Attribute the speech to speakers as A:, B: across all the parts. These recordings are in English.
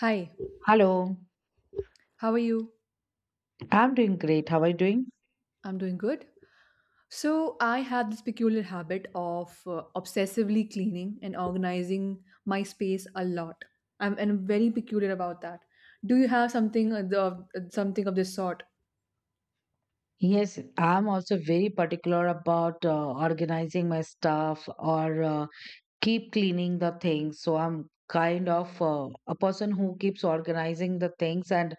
A: Hi,
B: Hello,
A: how are you?
B: I'm doing great. How are you doing?
A: I'm doing good. So, I have this peculiar habit of obsessively cleaning and organizing my space a lot. And I'm very peculiar about that. Do you have something of something of this sort?
B: Yes, I'm also very particular about organizing my stuff or keep cleaning the things. So I'm kind of a person who keeps organizing the things and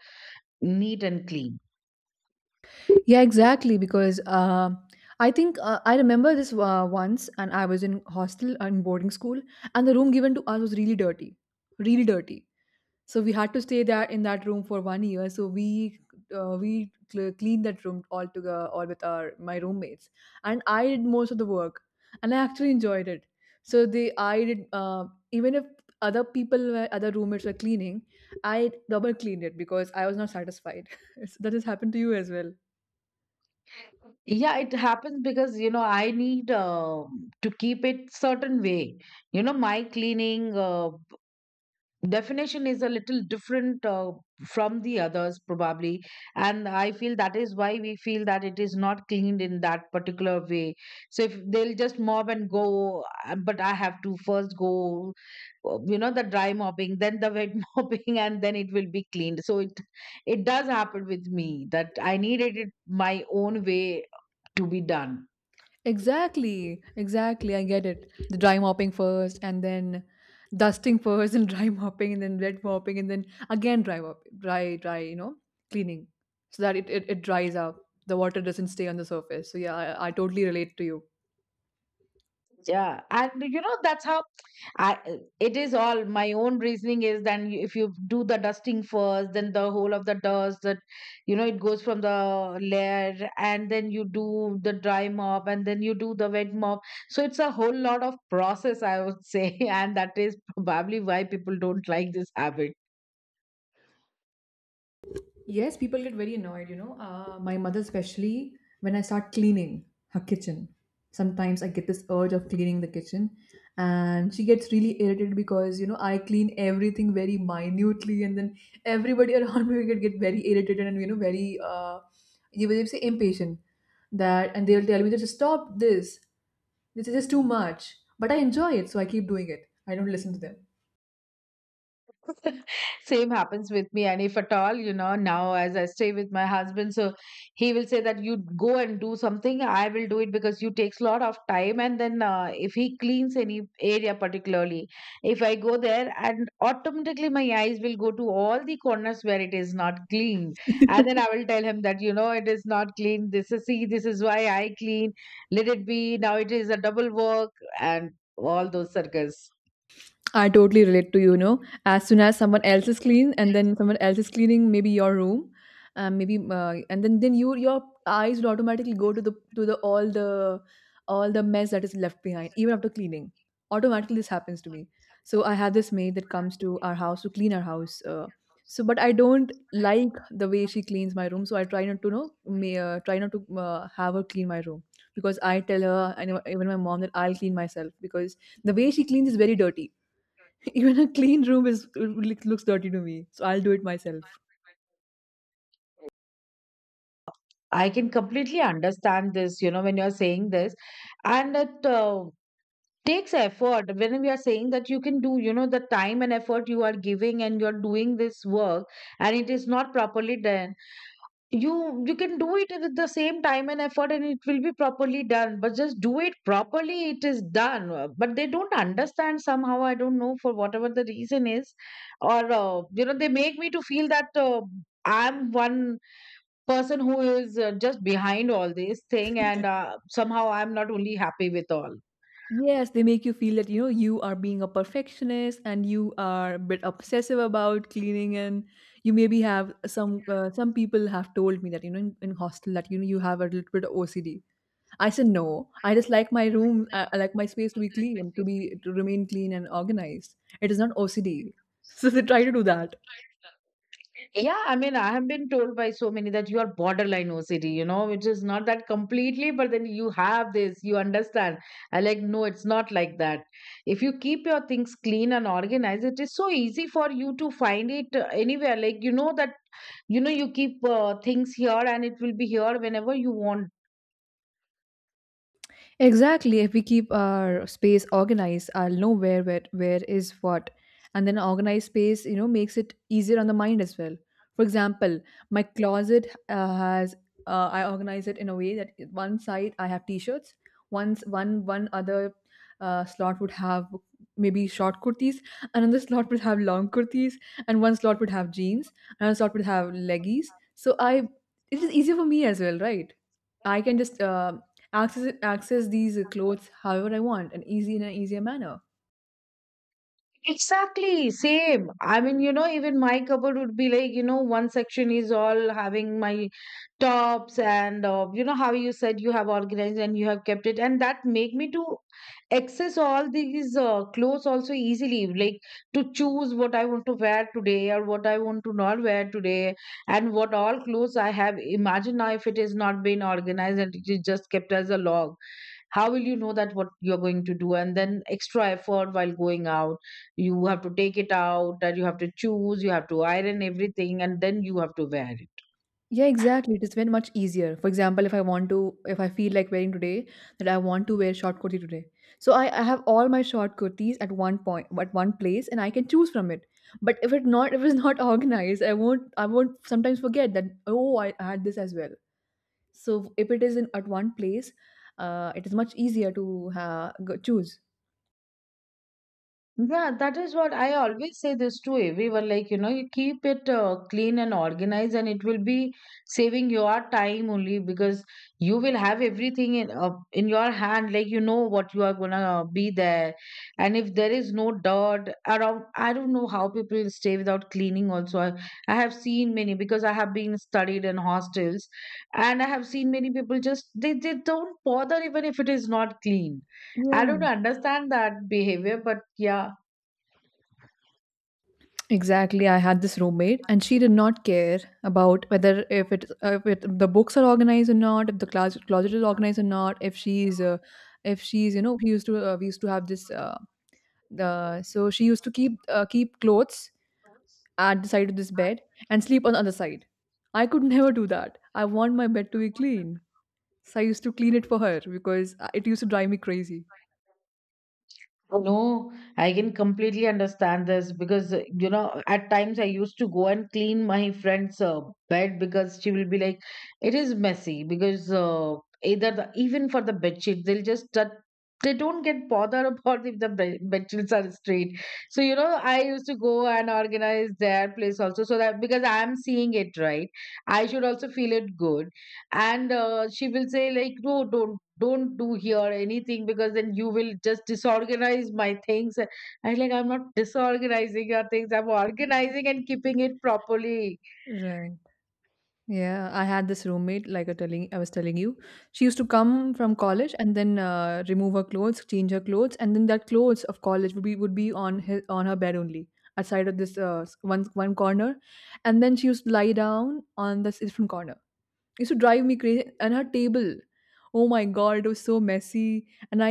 B: neat and clean.
A: Yeah, exactly. Because I think I remember this once, and I was in hostel and boarding school, and the room given to us was really dirty, really dirty. So we had to stay there in that room for one year. So we cleaned that room all together, all with our my roommates, and I did most of the work, and I actually enjoyed it. So they I did, even if other people were, other roommates were cleaning, I double cleaned it because I was not satisfied. So that has happened to you as well.
B: Yeah, it happens because you know I need to keep it certain way. You know, my cleaning. Definition is a little different from the others probably, and I feel that is why we feel that it is not cleaned in that particular way. So if they'll just mob and go, but I have to first go, you know, the dry mopping, then the wet mopping, and then it will be cleaned. So it does happen with me that I needed it my own way to be done.
A: Exactly, exactly. I get it. The dry mopping first, and then dusting first, and dry mopping, and then wet mopping, and then again dry mop, dry, dry. You know, cleaning so that it dries up. The water doesn't stay on the surface. So yeah, I totally relate to you.
B: Yeah, and you know that's how I, it is all my own reasoning is, then if you do the dusting first, then the whole of the dust that, you know, it goes from the layer, and then you do the dry mop and then you do the wet mop. So it's a whole lot of process, I would say, and that is probably why people don't like this habit.
A: Yes, people get very annoyed, you know. My mother, especially when I start cleaning her kitchen, sometimes I get this urge of cleaning the kitchen, and she gets really irritated because you know I clean everything very minutely, and then everybody around me get very irritated and you know very you will say impatient that, and they'll tell me that just stop this, this is just too much. But I enjoy it, so I keep doing it. I don't listen to them.
B: Same happens with me. And if at all, you know, now as I stay with my husband, so he will say that you go and do something, I will do it because you takes a lot of time. And then, if he cleans any area particularly, if I go there and automatically my eyes will go to all the corners where it is not clean. And then I will tell him that, you know, it is not clean, this is, see, this is why I clean. Let it be, now it is a double work. And all those circles.
A: I totally relate to you, you know, as soon as someone else is clean and then someone else is cleaning maybe your room, maybe and then your eyes will automatically go to the all the all the mess that is left behind even after cleaning. Automatically this happens to me. So I have this maid that comes to our house to clean our house. So but I don't like the way she cleans my room, so I try not to know may, try not to have her clean my room because I tell her and even my mom that I'll clean myself because the way she cleans is very dirty. Even a clean room is looks dirty to me, so I'll do it myself.
B: I can completely understand this, you know, when you're saying this. And it takes effort when we are saying that you can do, you know, the time and effort you are giving and you're doing this work, and it is not properly done. You can do it with the same time and effort, and it will be properly done. But just do it properly, it is done. But they don't understand somehow. I don't know for whatever the reason is, or you know, they make me to feel that I'm one person who is just behind all this thing, and somehow I'm not only happy with all.
A: Yes, they make you feel that, you know, you are being a perfectionist and you are a bit obsessive about cleaning and you maybe have some people have told me that, you know, in hostel that, you know, you have a little bit of OCD. I said, no, I just like my room, I like my space to be clean, to remain clean and organized. It is not OCD. So they try to do that.
B: Yeah, I mean, I have been told by so many that you are borderline OCD, you know, which is not that completely, but then you have this, you understand. I like, no, it's not like that. If you keep your things clean and organized, it is so easy for you to find it anywhere. Like, you know that, you know, you keep things here and it will be here whenever you want.
A: Exactly. If we keep our space organized, I'll know where is what. And then organized space, you know, makes it easier on the mind as well. For example, my closet has, I organize it in a way that one side I have t-shirts, once one one other slot would have maybe short kurtis, another slot would have long kurtis, and one slot would have jeans, another slot would have leggies. So I it is easier for me as well, right? I can just access these clothes however I want and easy in an easier manner.
B: Exactly, same. I mean, you know, even my cupboard would be like, you know, one section is all having my tops, and you know how you said you have organized and you have kept it, and that make me to access all these clothes also easily, like to choose what I want to wear today or what I want to not wear today, and what all clothes I have. Imagine now if it is not been organized and it is just kept as a log, how will you know that what you're going to do? And then extra effort while going out, you have to take it out. That you have to choose, you have to iron everything, and then you have to wear it.
A: Yeah, exactly. It is very much easier. For example, if I feel like wearing today, that I want to wear short kurti today. So I have all my short kurtis at one point, at one place, and I can choose from it. But if it's not organized, I won't sometimes forget that. Oh, I had this as well. So if it is in at one place, it is much easier to go, choose.
B: Yeah, that is what I always say this to everyone. Like, you know, you keep it clean and organized, and it will be saving your time only because you will have everything in your hand. Like, you know what you are gonna be there, and if there is no dirt around, I don't know how people stay without cleaning. Also, I have seen many because I have been studied in hostels, and I have seen many people just they don't bother even if it is not clean. I
A: Yeah,
B: don't understand that behavior, but yeah.
A: exactly. I had this roommate, and she did not care about whether if it, the books are organized or not, if the class closet is organized or not, if she's you know we used to have this the so she used to keep clothes at the side of this bed and sleep on the other side. I could never do that. I want my bed to be clean, so I used to clean it for her because it used to drive me crazy.
B: No, I can completely understand this because, you know, at times I used to go and clean my friend's bed because she will be like, it is messy because either the, even for the bed sheet, they'll just, they don't get bothered about if the bed sheets are straight. So, you know, I used to go and organize their place also so that because I'm seeing it right, I should also feel it good. And she will say like, no, don't do here anything because then you will just disorganize my things. I'm like, I'm not disorganizing your things, I'm organizing and keeping it properly.
A: Right. Yeah, I had this roommate, like I was telling you, she used to come from college and then remove her clothes, change her clothes, and then that clothes of college would be on his on her bed only, outside of this one corner, and then she used to lie down on this different corner. Used to drive me crazy. And her table, oh my god, it was so messy. And i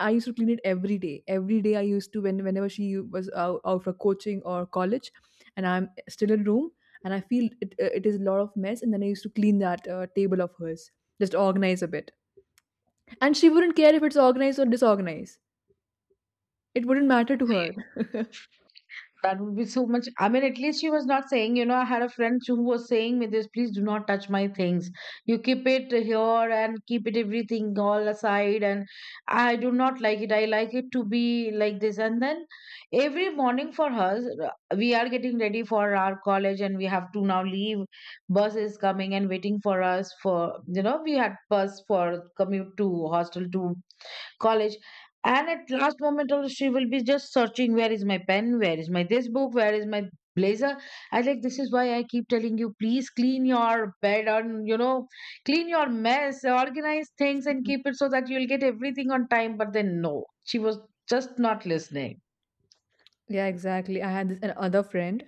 A: i used to clean it every day. Every day I used to, whenever she was out for coaching or college, and I'm still in room, and I feel it, it is a lot of mess. And then I used to clean that table of hers, just organize a bit. And she wouldn't care if it's organized or disorganized. It wouldn't matter to her.
B: That would be so much. I mean, at least she was not saying, you know, I had a friend who was saying me this, please do not touch my things. You keep it here and keep it everything all aside. And I do not like it, I like it to be like this. And then every morning for us, we are getting ready for our college and we have to now leave. Bus is coming and waiting for us for, you know, we had bus for commute to hostel to college. And at last moment also she will be just searching, where is my pen, where is my this book, where is my blazer. I like, this is why I keep telling you, please clean your bed, and, you know, clean your mess, organize things, and keep it so that you'll get everything on time. But then no, she was just not listening.
A: Yeah, exactly. I had this another friend.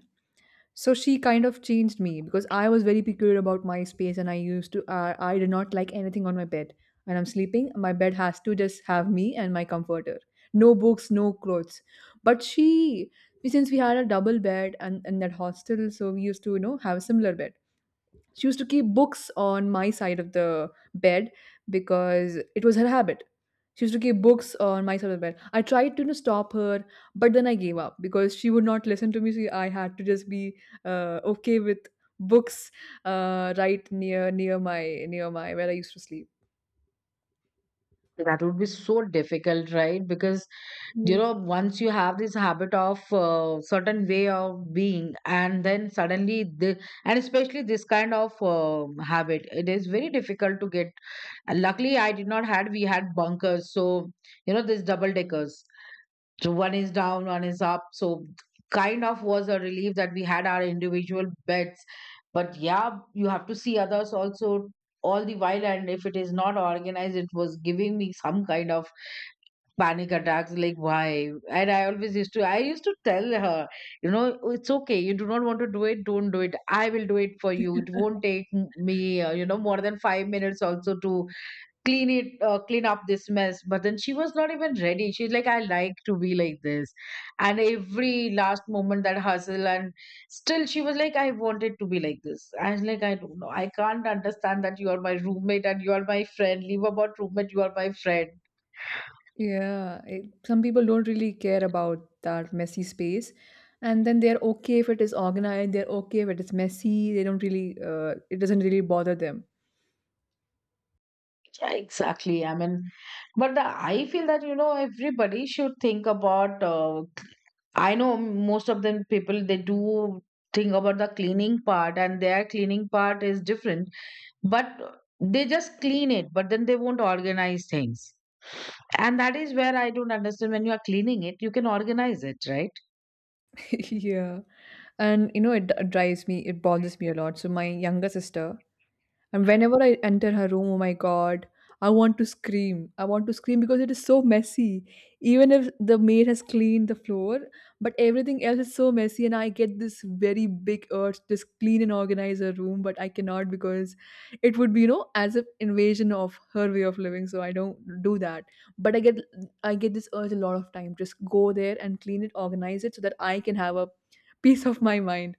A: So she kind of changed me because I was very peculiar about my space, and I used to I did not like anything on my bed when I'm sleeping. My bed has to just have me and my comforter, no books, no clothes. But she, since we had a double bed and in that hostel, so we used to, you know, have a similar bed. She used to keep books on my side of the bed because it was her habit. She used to keep books on my side of the bed. I tried to, you know, stop her, but then I gave up because she would not listen to me. So I had to just be okay with books, right near my where I used to sleep.
B: That would be so difficult, right? Because, you
A: Yes.
B: know, once you have this habit of certain way of being, and then suddenly, the, and especially this kind of habit, it is very difficult to get. And luckily, I did not had, we had bunkers, so, you know, these double deckers. So one is down, one is up. So kind of was a relief that we had our individual bets. But yeah, you have to see others also all the while. And if it is not organized, it was giving me some kind of panic attacks. Like, why? And I used to tell her, you know, it's okay. You do not want to do it, don't do it. I will do it for you. It won't take me, you know, more than 5 minutes also to clean up this mess. But then she was not even ready. She's like, I like to be like this. And every last moment that hustle, and still she was like, I wanted to be like this. I was like, I don't know, I can't understand that you are my roommate and you are my friend. Leave about roommate, you are my friend.
A: Yeah, some people don't really care about that messy space, and then they're okay if it is organized. They're okay if it is messy. They don't really, it doesn't really bother them.
B: Yeah, exactly, I mean, but the, I feel that, you know, everybody should think about, I know most of them people they do think about the cleaning part, and their cleaning part is different, but they just clean it, but then they won't organize things. And that is where I don't understand, when you are cleaning it, you can organize it, right?
A: Yeah, and you know, it drives me. It bothers me a lot. So my younger sister, and whenever I enter her room, oh my god, I want to scream. I want to scream because it is so messy. Even if the maid has cleaned the floor, but everything else is so messy, and I get this very big urge to just clean and organize her room, but I cannot because it would be, you know, as if invasion of her way of living. So I don't do that. But I get this urge a lot of time. Just go there and clean it, organize it so that I can have a peace of my mind.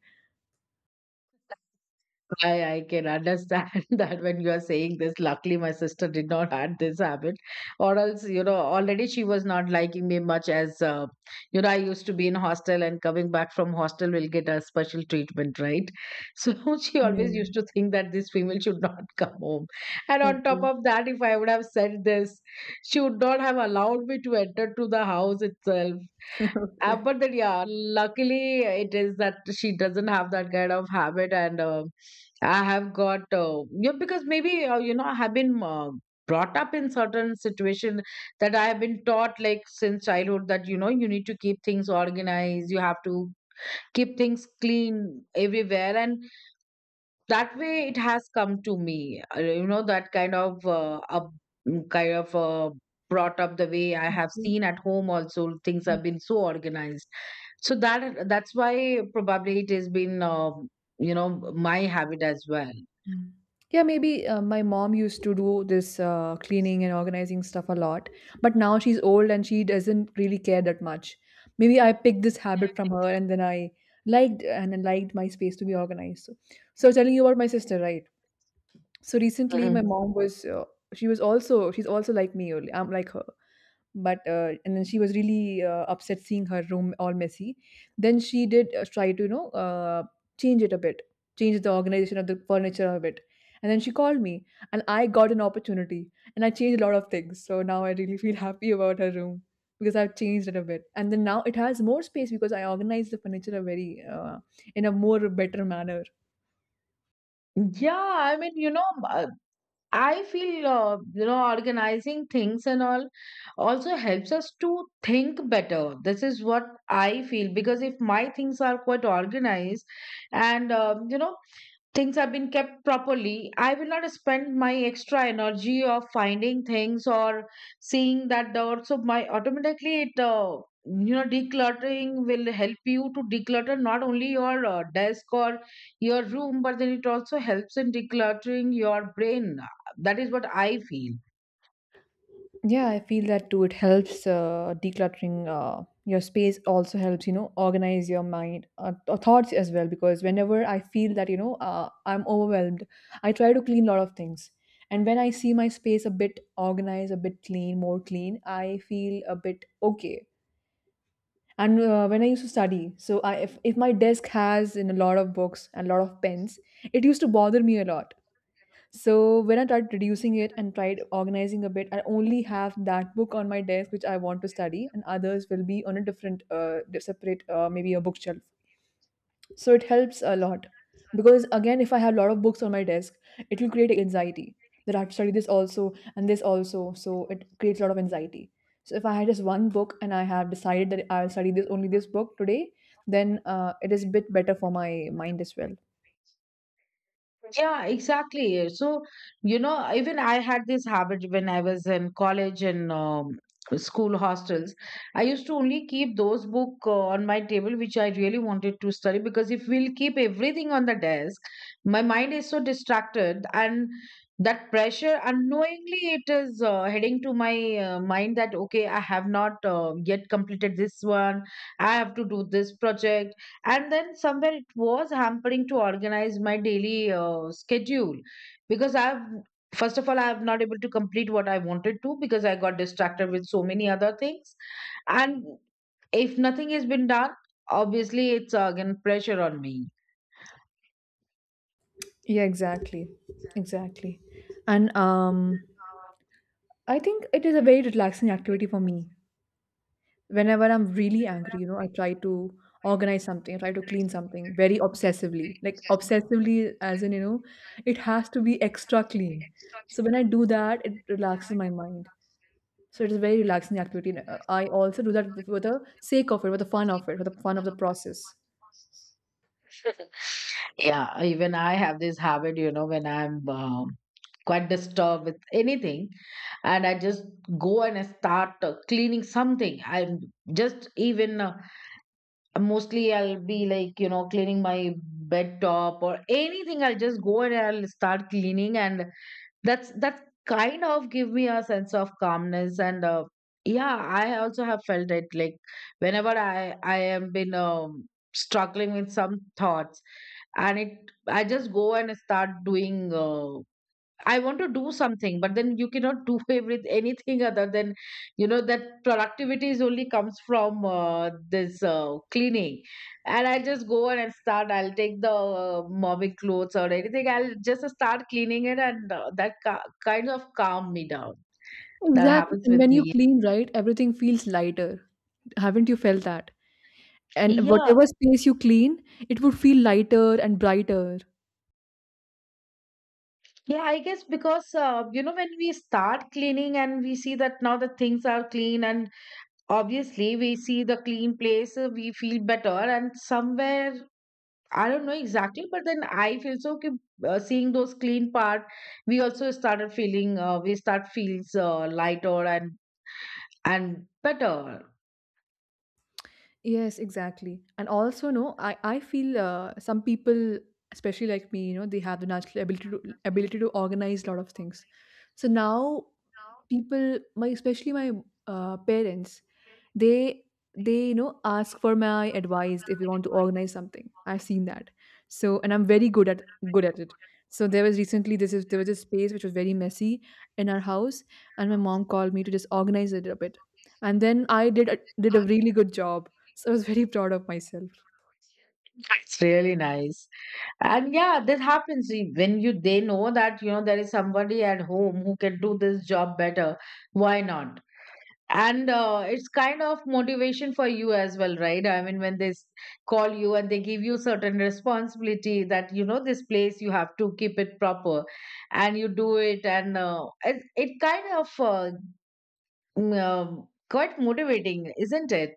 B: I can understand that when you are saying this. Luckily, my sister did not had this habit, or else you know already she was not liking me much. As you know, I used to be in hostel, and coming back from hostel will get a special treatment, right? So she always
A: Yeah.
B: used to think that this female should not come home. And on top
A: Okay.
B: of that, if I would have said this, she would not have allowed me to enter to the house itself. Uh,
A: Okay.
B: but then, yeah, luckily it is that she doesn't have that kind of habit, and I have got, yeah, because maybe you know I have been brought up in certain situation that I have been taught, like, since childhood that, you know, you need to keep things organized, you have to keep things clean everywhere, and that way it has come to me. You know, that kind of kind of brought up, the way I have
A: Okay.
B: seen at home also, things have been so organized. So that's why probably it has been, you know, my habit as well.
A: Mm. Yeah, maybe my mom used to do this cleaning and organizing stuff a lot, but now she's old and she doesn't really care that much. Maybe I picked this habit from her, and then I liked my space to be organized. So, I was telling you about my sister, right? So recently, my
B: Mhm.
A: mom was, she was also, she's also like me. I'm like her, but and then she was really upset seeing her room all messy. Then she did try to, you know, change it a bit, change the organization of the furniture a bit. And then she called me, and I got an opportunity, and I changed a lot of things. So now I really feel happy about her room because I've changed it a bit, and then now it has more space because I organized the furniture a very in a more better manner.
B: yeah i mean you know uh, I feel, you know, organizing things and all also helps us to think better. This is what I feel, because if my things are quite organized and, you know, things have been kept properly, I will not spend my extra energy of finding things or seeing that the also my automatically it, decluttering will help you to declutter not only your desk or your room, but then it also helps in decluttering your brain. That is what I feel.
A: Yeah, I feel that too. It helps decluttering your space, also helps, you know, organize your mind, thoughts as well. Because whenever I feel that, you know, I'm overwhelmed, I try to clean a lot of things. And when I see my space a bit organized, a bit clean, more clean, I feel a bit okay. And when I used to study, so I, if my desk has in a lot of books and a lot of pens, it used to bother me a lot. So when I tried reducing it and tried organizing a bit, I only have that book on my desk which I want to study, and others will be on a different, separate, maybe a bookshelf. So it helps a lot because again, if I have a lot of books on my desk, it will create anxiety that I have to study this also and this also. So it creates a lot of anxiety. So if I had just one book and I have decided that I'll study this only this book today, then it is a bit better for my mind as well.
B: Yeah, exactly. So, you know, even I had this habit when I was in college and school hostels. I used to only keep those book on my table which I really wanted to study, because if we'll keep everything on the desk, my mind is so distracted, and that pressure unknowingly it is heading to my mind that okay, I have not yet completed this one. I have to do this project, and then somewhere it was hampering to organize my daily schedule, because I've first of all I'm not able to complete what I wanted to because I got distracted with so many other things. And if nothing has been done, obviously it's again pressure on me.
A: Yeah, exactly, exactly. and. I think it is a very relaxing activity for me. Whenever I'm really angry, I try to organize something, I try to clean something very obsessively. Like obsessively as in, it has to be extra clean. So when I do that, it relaxes my mind. So it is a very relaxing activity. And I also do that for the sake of it, for the fun of it, for the fun of the process.
B: Yeah, even I have this habit, you know, when I'm quite disturbed with anything, and I just go and I start cleaning something. I'm just even mostly I'll be like, you know, cleaning my bed top or anything. I'll just go and I'll start cleaning, and that's that kind of give me a sense of calmness. And yeah, I also have felt it like whenever I am been struggling with some thoughts, and it I just go and start doing. I want to do something, but then you cannot do everything, anything other than, you know, that productivity is only comes from this cleaning. And I'll just go and I'll start, I'll take the mommy clothes or anything, I'll just start cleaning it, and that kind of calm me down. That
A: Exactly.
B: happens
A: And when
B: with
A: you
B: me.
A: clean, right, everything feels lighter. Haven't you felt that? And
B: Yeah,
A: whatever space you clean, it would feel lighter and brighter.
B: yeah, I guess because, you know, when we start cleaning and we see that now the things are clean, and obviously we see the clean place, we feel better. And somewhere I don't know exactly, but then I feel so. Okay, seeing those clean part, we also started feeling. We start feels lighter and better.
A: Yes, exactly. And also, no, I feel some people, especially like me, they have the natural ability to organize a lot of things. So now people my especially my parents they they ask for my advice if we want to organize something, I've seen that. So, and I'm very good at it. So there was recently this is there was a space which was very messy in our house, and my mom called me to just organize it a bit, and then I did a really good job, so I was very proud of myself.
B: It's really nice, and yeah, that happens. See, when you they know that you know there is somebody at home who can do this job better. Why not? And it's kind of motivation for you as well, right? I mean, when call you and they give you certain responsibility that, you know, this place you have to keep it proper, and you do it. And it kind of quite motivating, isn't it?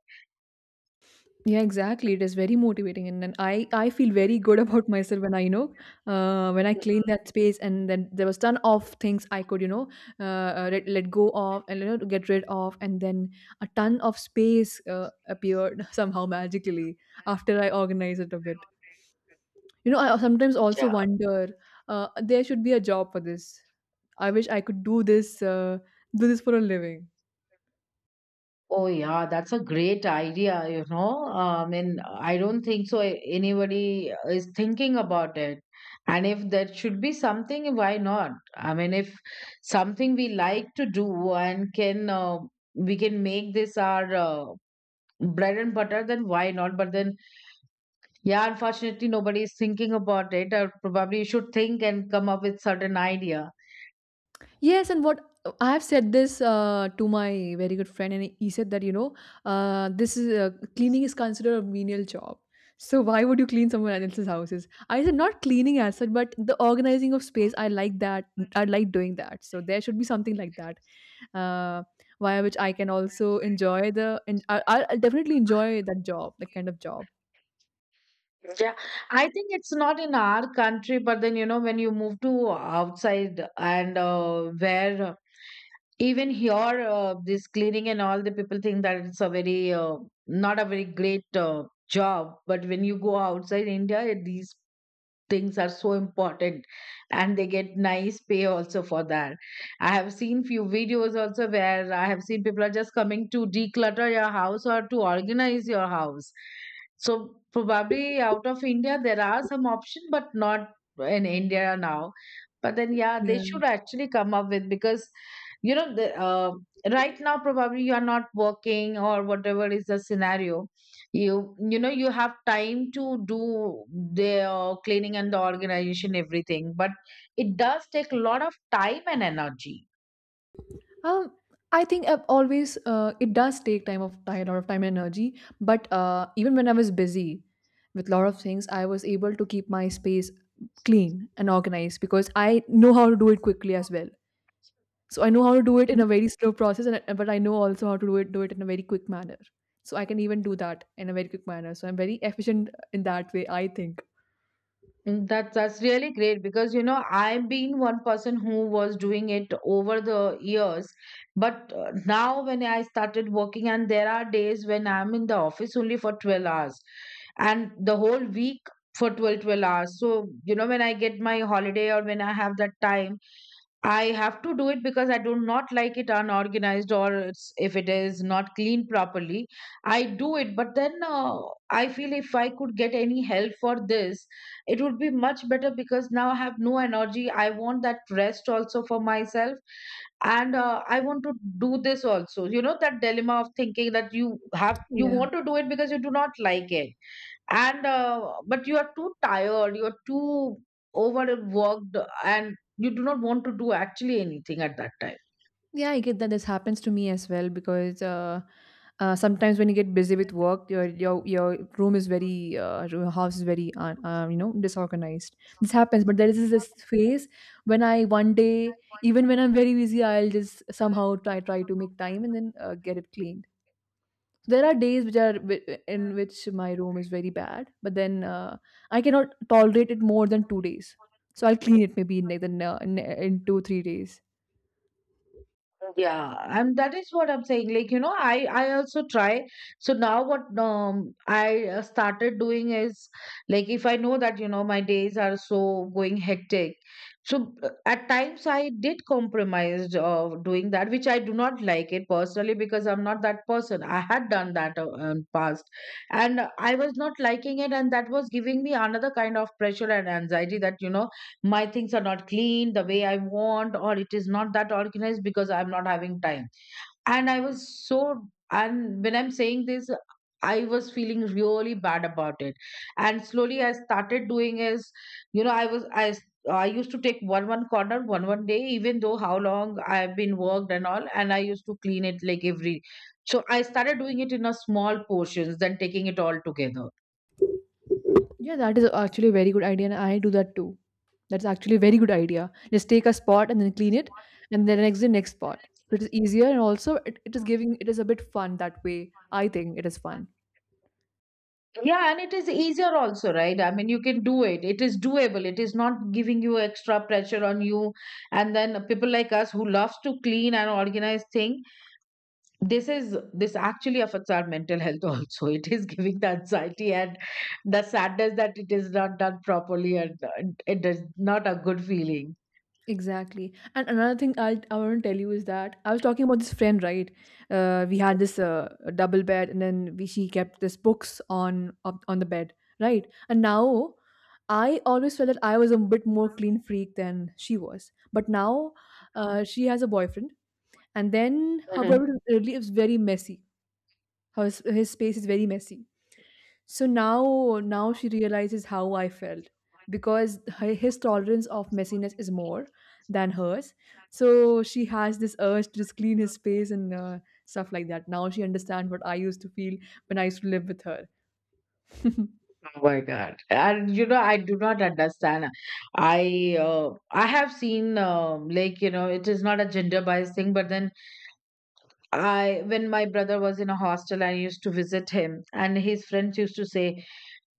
A: Yeah, exactly. It is very motivating, and then I feel very good about myself when I clean that space, and then there was ton of things I could let go of, and get rid of, and then a ton of space appeared somehow magically after I organized it a bit. I sometimes also wonder there should be a job for this. I wish I could do this for a living.
B: Oh, yeah, that's a great idea, you know. I mean, I don't think so anybody is thinking about it. And if there should be something, why not? I mean, if something we like to do and can we can make this our bread and butter, then why not? But then, yeah, unfortunately, nobody is thinking about it. Or probably you should think and come up with certain idea.
A: Yes, and what I have said this to my very good friend, and he said that you know, this is cleaning is considered a menial job. So why would you clean someone else's houses? I said not cleaning as such, but the organizing of space. I like that. I like doing that. So there should be something like that, uh, via which I can also enjoy the. And I'll definitely enjoy that job, that kind of job.
B: Yeah, I think it's not in our country, but then, you know, when you move to outside and where even here, this cleaning and all the people think that it's a very not a very great job, but when you go outside India, these things are so important, and they get nice pay also for that. I have seen few videos also where I have seen people are just coming to declutter your house or to organize your house. So probably out of India there are some option, but not in India now. But then yeah, they
A: Yeah.
B: should actually come up with, because you know right now probably you are not working or whatever is the scenario, you know you have time to do the cleaning and the organization everything, but it does take a lot of time and energy.
A: Um, I think I've always it does take time of time, a lot of time and energy. But even when I was busy with a lot of things, I was able to keep my space clean and organized because I know how to do it quickly as well. So I know how to do it in a very slow process, but I know also how to do it in a very quick manner. So I can even do that in a very quick manner. So I'm very efficient in that way, I think.
B: Mm, that's really great, because you know I've been one person who was doing it over the years, but now when I started working, and there are days when I'm in the office only for 12 hours, and the whole week for 12 12 hours. So you know when I get my holiday or when I have that time, I have to do it, because I do not like it unorganized, or it's, if it is not cleaned properly. I do it, but then I feel if I could get any help for this, it would be much better, because now I have no energy. I want that rest also for myself, and I want to do this also. You know that dilemma of thinking that you have you
A: Yeah.
B: want to do it because you do not like it, and but you are too tired, you're too overworked, and you do not want to do actually anything at that time.
A: Yeah, I get that. This happens to me as well because sometimes when you get busy with work, your house is very disorganized. This happens, but there is this phase when I one day, even when I'm very busy, I'll just somehow try to make time and then get it clean. There are days in which my room is very bad, but then I cannot tolerate it more than 2 days. So I'll clean it maybe in like in 2 3 days.
B: Yeah, and that is what I'm saying, like, you know, I also try. So now what I started doing is, like, if I know that you know my days are so going hectic, so at times I did compromise of doing that which I do not like it personally, because I'm not that person. I had done that in past, and I was not liking it, and that was giving me another kind of pressure and anxiety, that you know my things are not clean the way I want, or it is not that organized because I'm not having time. And I was so, and when I'm saying this, I was feeling really bad about it. And slowly I started doing is, you know, I was, I, s- I used to take one one corner one one day, even though how long I've been worked and all, and I used to clean it like every. So I started doing it in a small portions, than taking it all together.
A: Yeah, that is actually a very good idea, and I do that too. That's actually a very good idea. Just take a spot and then clean it, and then next the next spot. So it is easier, and also it is a bit fun that way. I think it is fun.
B: Yeah, and it is easier also, right? I mean, you can do it. It is doable. It is not giving you extra pressure on you. And then people like us who loves to clean and organize thing, this is this actually affects our mental health also. It is giving the anxiety and the sadness that it is not done properly, and it is not a good feeling.
A: Exactly. And another thing I want to tell you is that I was talking about this friend, right? We had this double bed, and then she kept this books on the bed, right? And now I always felt that I was a bit more clean freak than she was, but now she has a boyfriend, and then
B: Mhm.
A: however, really is very messy. His space is very messy. So now she realizes how I felt because his tolerance of messiness is more than hers. So she has this urge to just clean his space and stuff like that. Now she understands what I used to feel when I used to live with her.
B: Oh my God. And you know, I do not understand. I have seen like, you know, it is not a gender bias thing, but then I when my brother was in a hostel, I used to visit him, and his friends used to say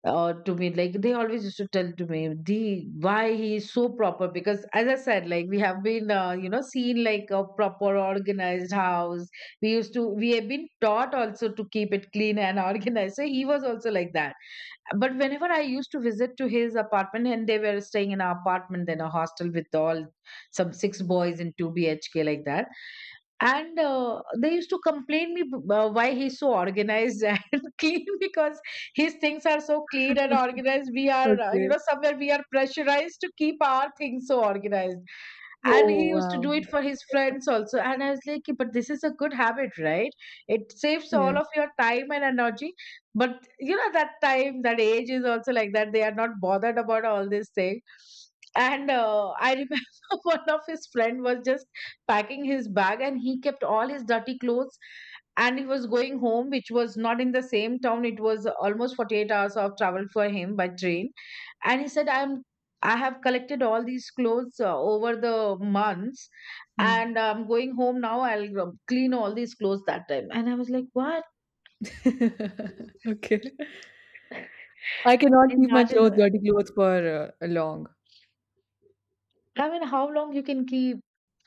B: to me, like they always used to tell to me, the why he is so proper, because as I said, like we have been you know, seen like a proper organized house. We used to we have been taught also to keep it clean and organized. So he was also like that. But whenever I used to visit to his apartment, and they were staying in an apartment, then a hostel with all some six boys in two BHK like that, and they used to complain me, why he's so organized and clean, because his things are so clean and organized. We are, you
A: Okay.
B: know, somewhere we are pressurized to keep our things so organized. And he
A: Oh
B: used to
A: wow.
B: do it for his friends also, and I was like, "Okay, but this is a good habit, right? It saves
A: Yeah.
B: all of your time and energy." But you know that time that age is also like that, they are not bothered about all this thing. And I remember one of his friend was just packing his bag and he kept all his dirty clothes, and he was going home which was not in the same town. It was almost 48 hours of travel for him by train. And he said I'm I have collected all these clothes over the months, and
A: Hmm.
B: I'm going home, now I'll clean all these clothes that time. And I was like, what?
A: Okay. I cannot keep my
B: Imagine.
A: clothes, dirty clothes, for long.
B: I mean, how long you can keep?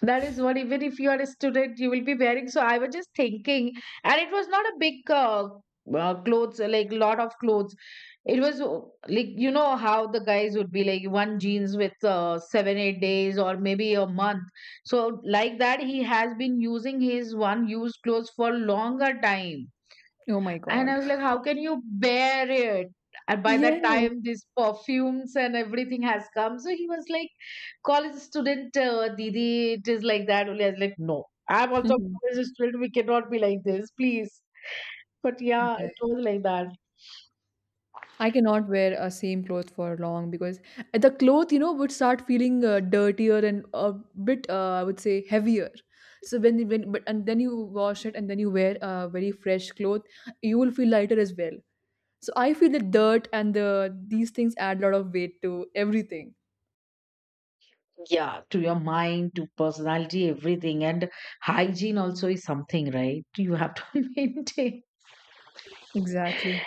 B: That is what, even if you are a student, you will be wearing. So I was just thinking, and it was not a big clothes, like lot of clothes. It was like, you know, how the guys would be like one jeans with seven, eight days or maybe a month. So, like that, he has been using his one used clothes for longer time.
A: Oh my
B: And I
A: god.
B: was like, how can you bear it? And by
A: Yeah.
B: that time, these perfumes and everything has come. So he was like, college student, didi it is like that only. I was like, no, I'm also a college student, we cannot be like this, please. But yeah, it was like that.
A: I cannot wear a same cloth for long because the cloth, would start feeling dirtier and a bit, I would say, heavier. So when you- when but and then you wash it, and then you wear a very fresh cloth, you will feel lighter as well. So I feel the dirt and the these things add a lot of weight to everything.
B: Yeah, to your mind, to personality, everything. And hygiene also is something, right? You have to maintain.
A: Exactly.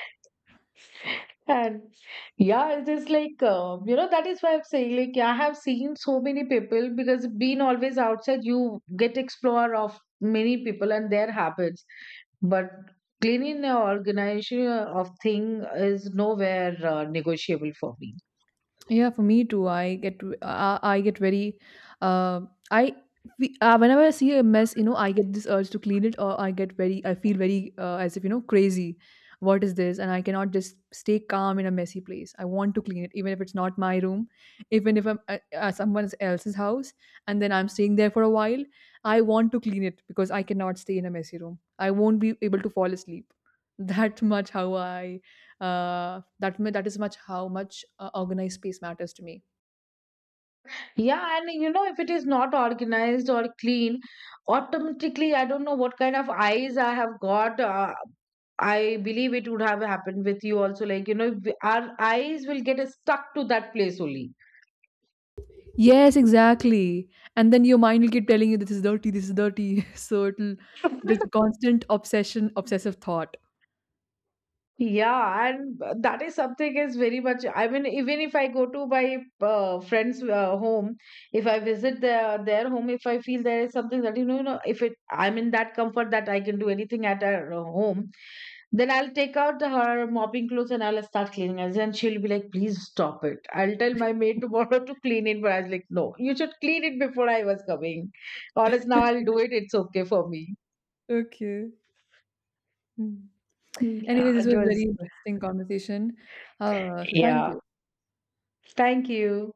B: And yeah, it is like, you know, that is why I'm saying, like, I have seen so many people because being always outside, you get explorer of many people and their habits. But cleaning the organization of thing is nowhere negotiable for me.
A: Yeah, for me too. I get very uh, I whenever I see a mess, I get this urge to clean it, or I feel very as if crazy. What is this? And I cannot just stay calm in a messy place. I want to clean it, even if it's not my room, even if I'm at someone else's house, and then I'm staying there for a while. I want to clean it because I cannot stay in a messy room. I won't be able to fall asleep. That much how I that is much how much organized space matters to me.
B: Yeah, and you know, if it is not organized or clean, automatically, I don't know what kind of eyes I have got. I believe it would have happened with you also. Like, you know, our eyes will get stuck to that place only.
A: Yes, exactly. And then your mind will keep telling you this is dirty, this is dirty. So it is a constant obsession, obsessive thought.
B: Yeah, and that is something is very much. I mean, even if I go to my friend's home, if I visit their home, if I feel there is something that you know, if it I'm in that comfort that I can do anything at our home, then I'll take out her mopping clothes and I'll start cleaning it. And she'll be like, please stop it, I'll tell my maid tomorrow to clean it. But I was like, no, you should clean it before I was coming. Or else now I'll do it. It's okay for me.
A: Okay. Mm.
B: Yeah,
A: Anyway, this
B: it
A: was very
B: was.
A: interesting conversation. So thank
B: Yeah.
A: you.
B: Thank you.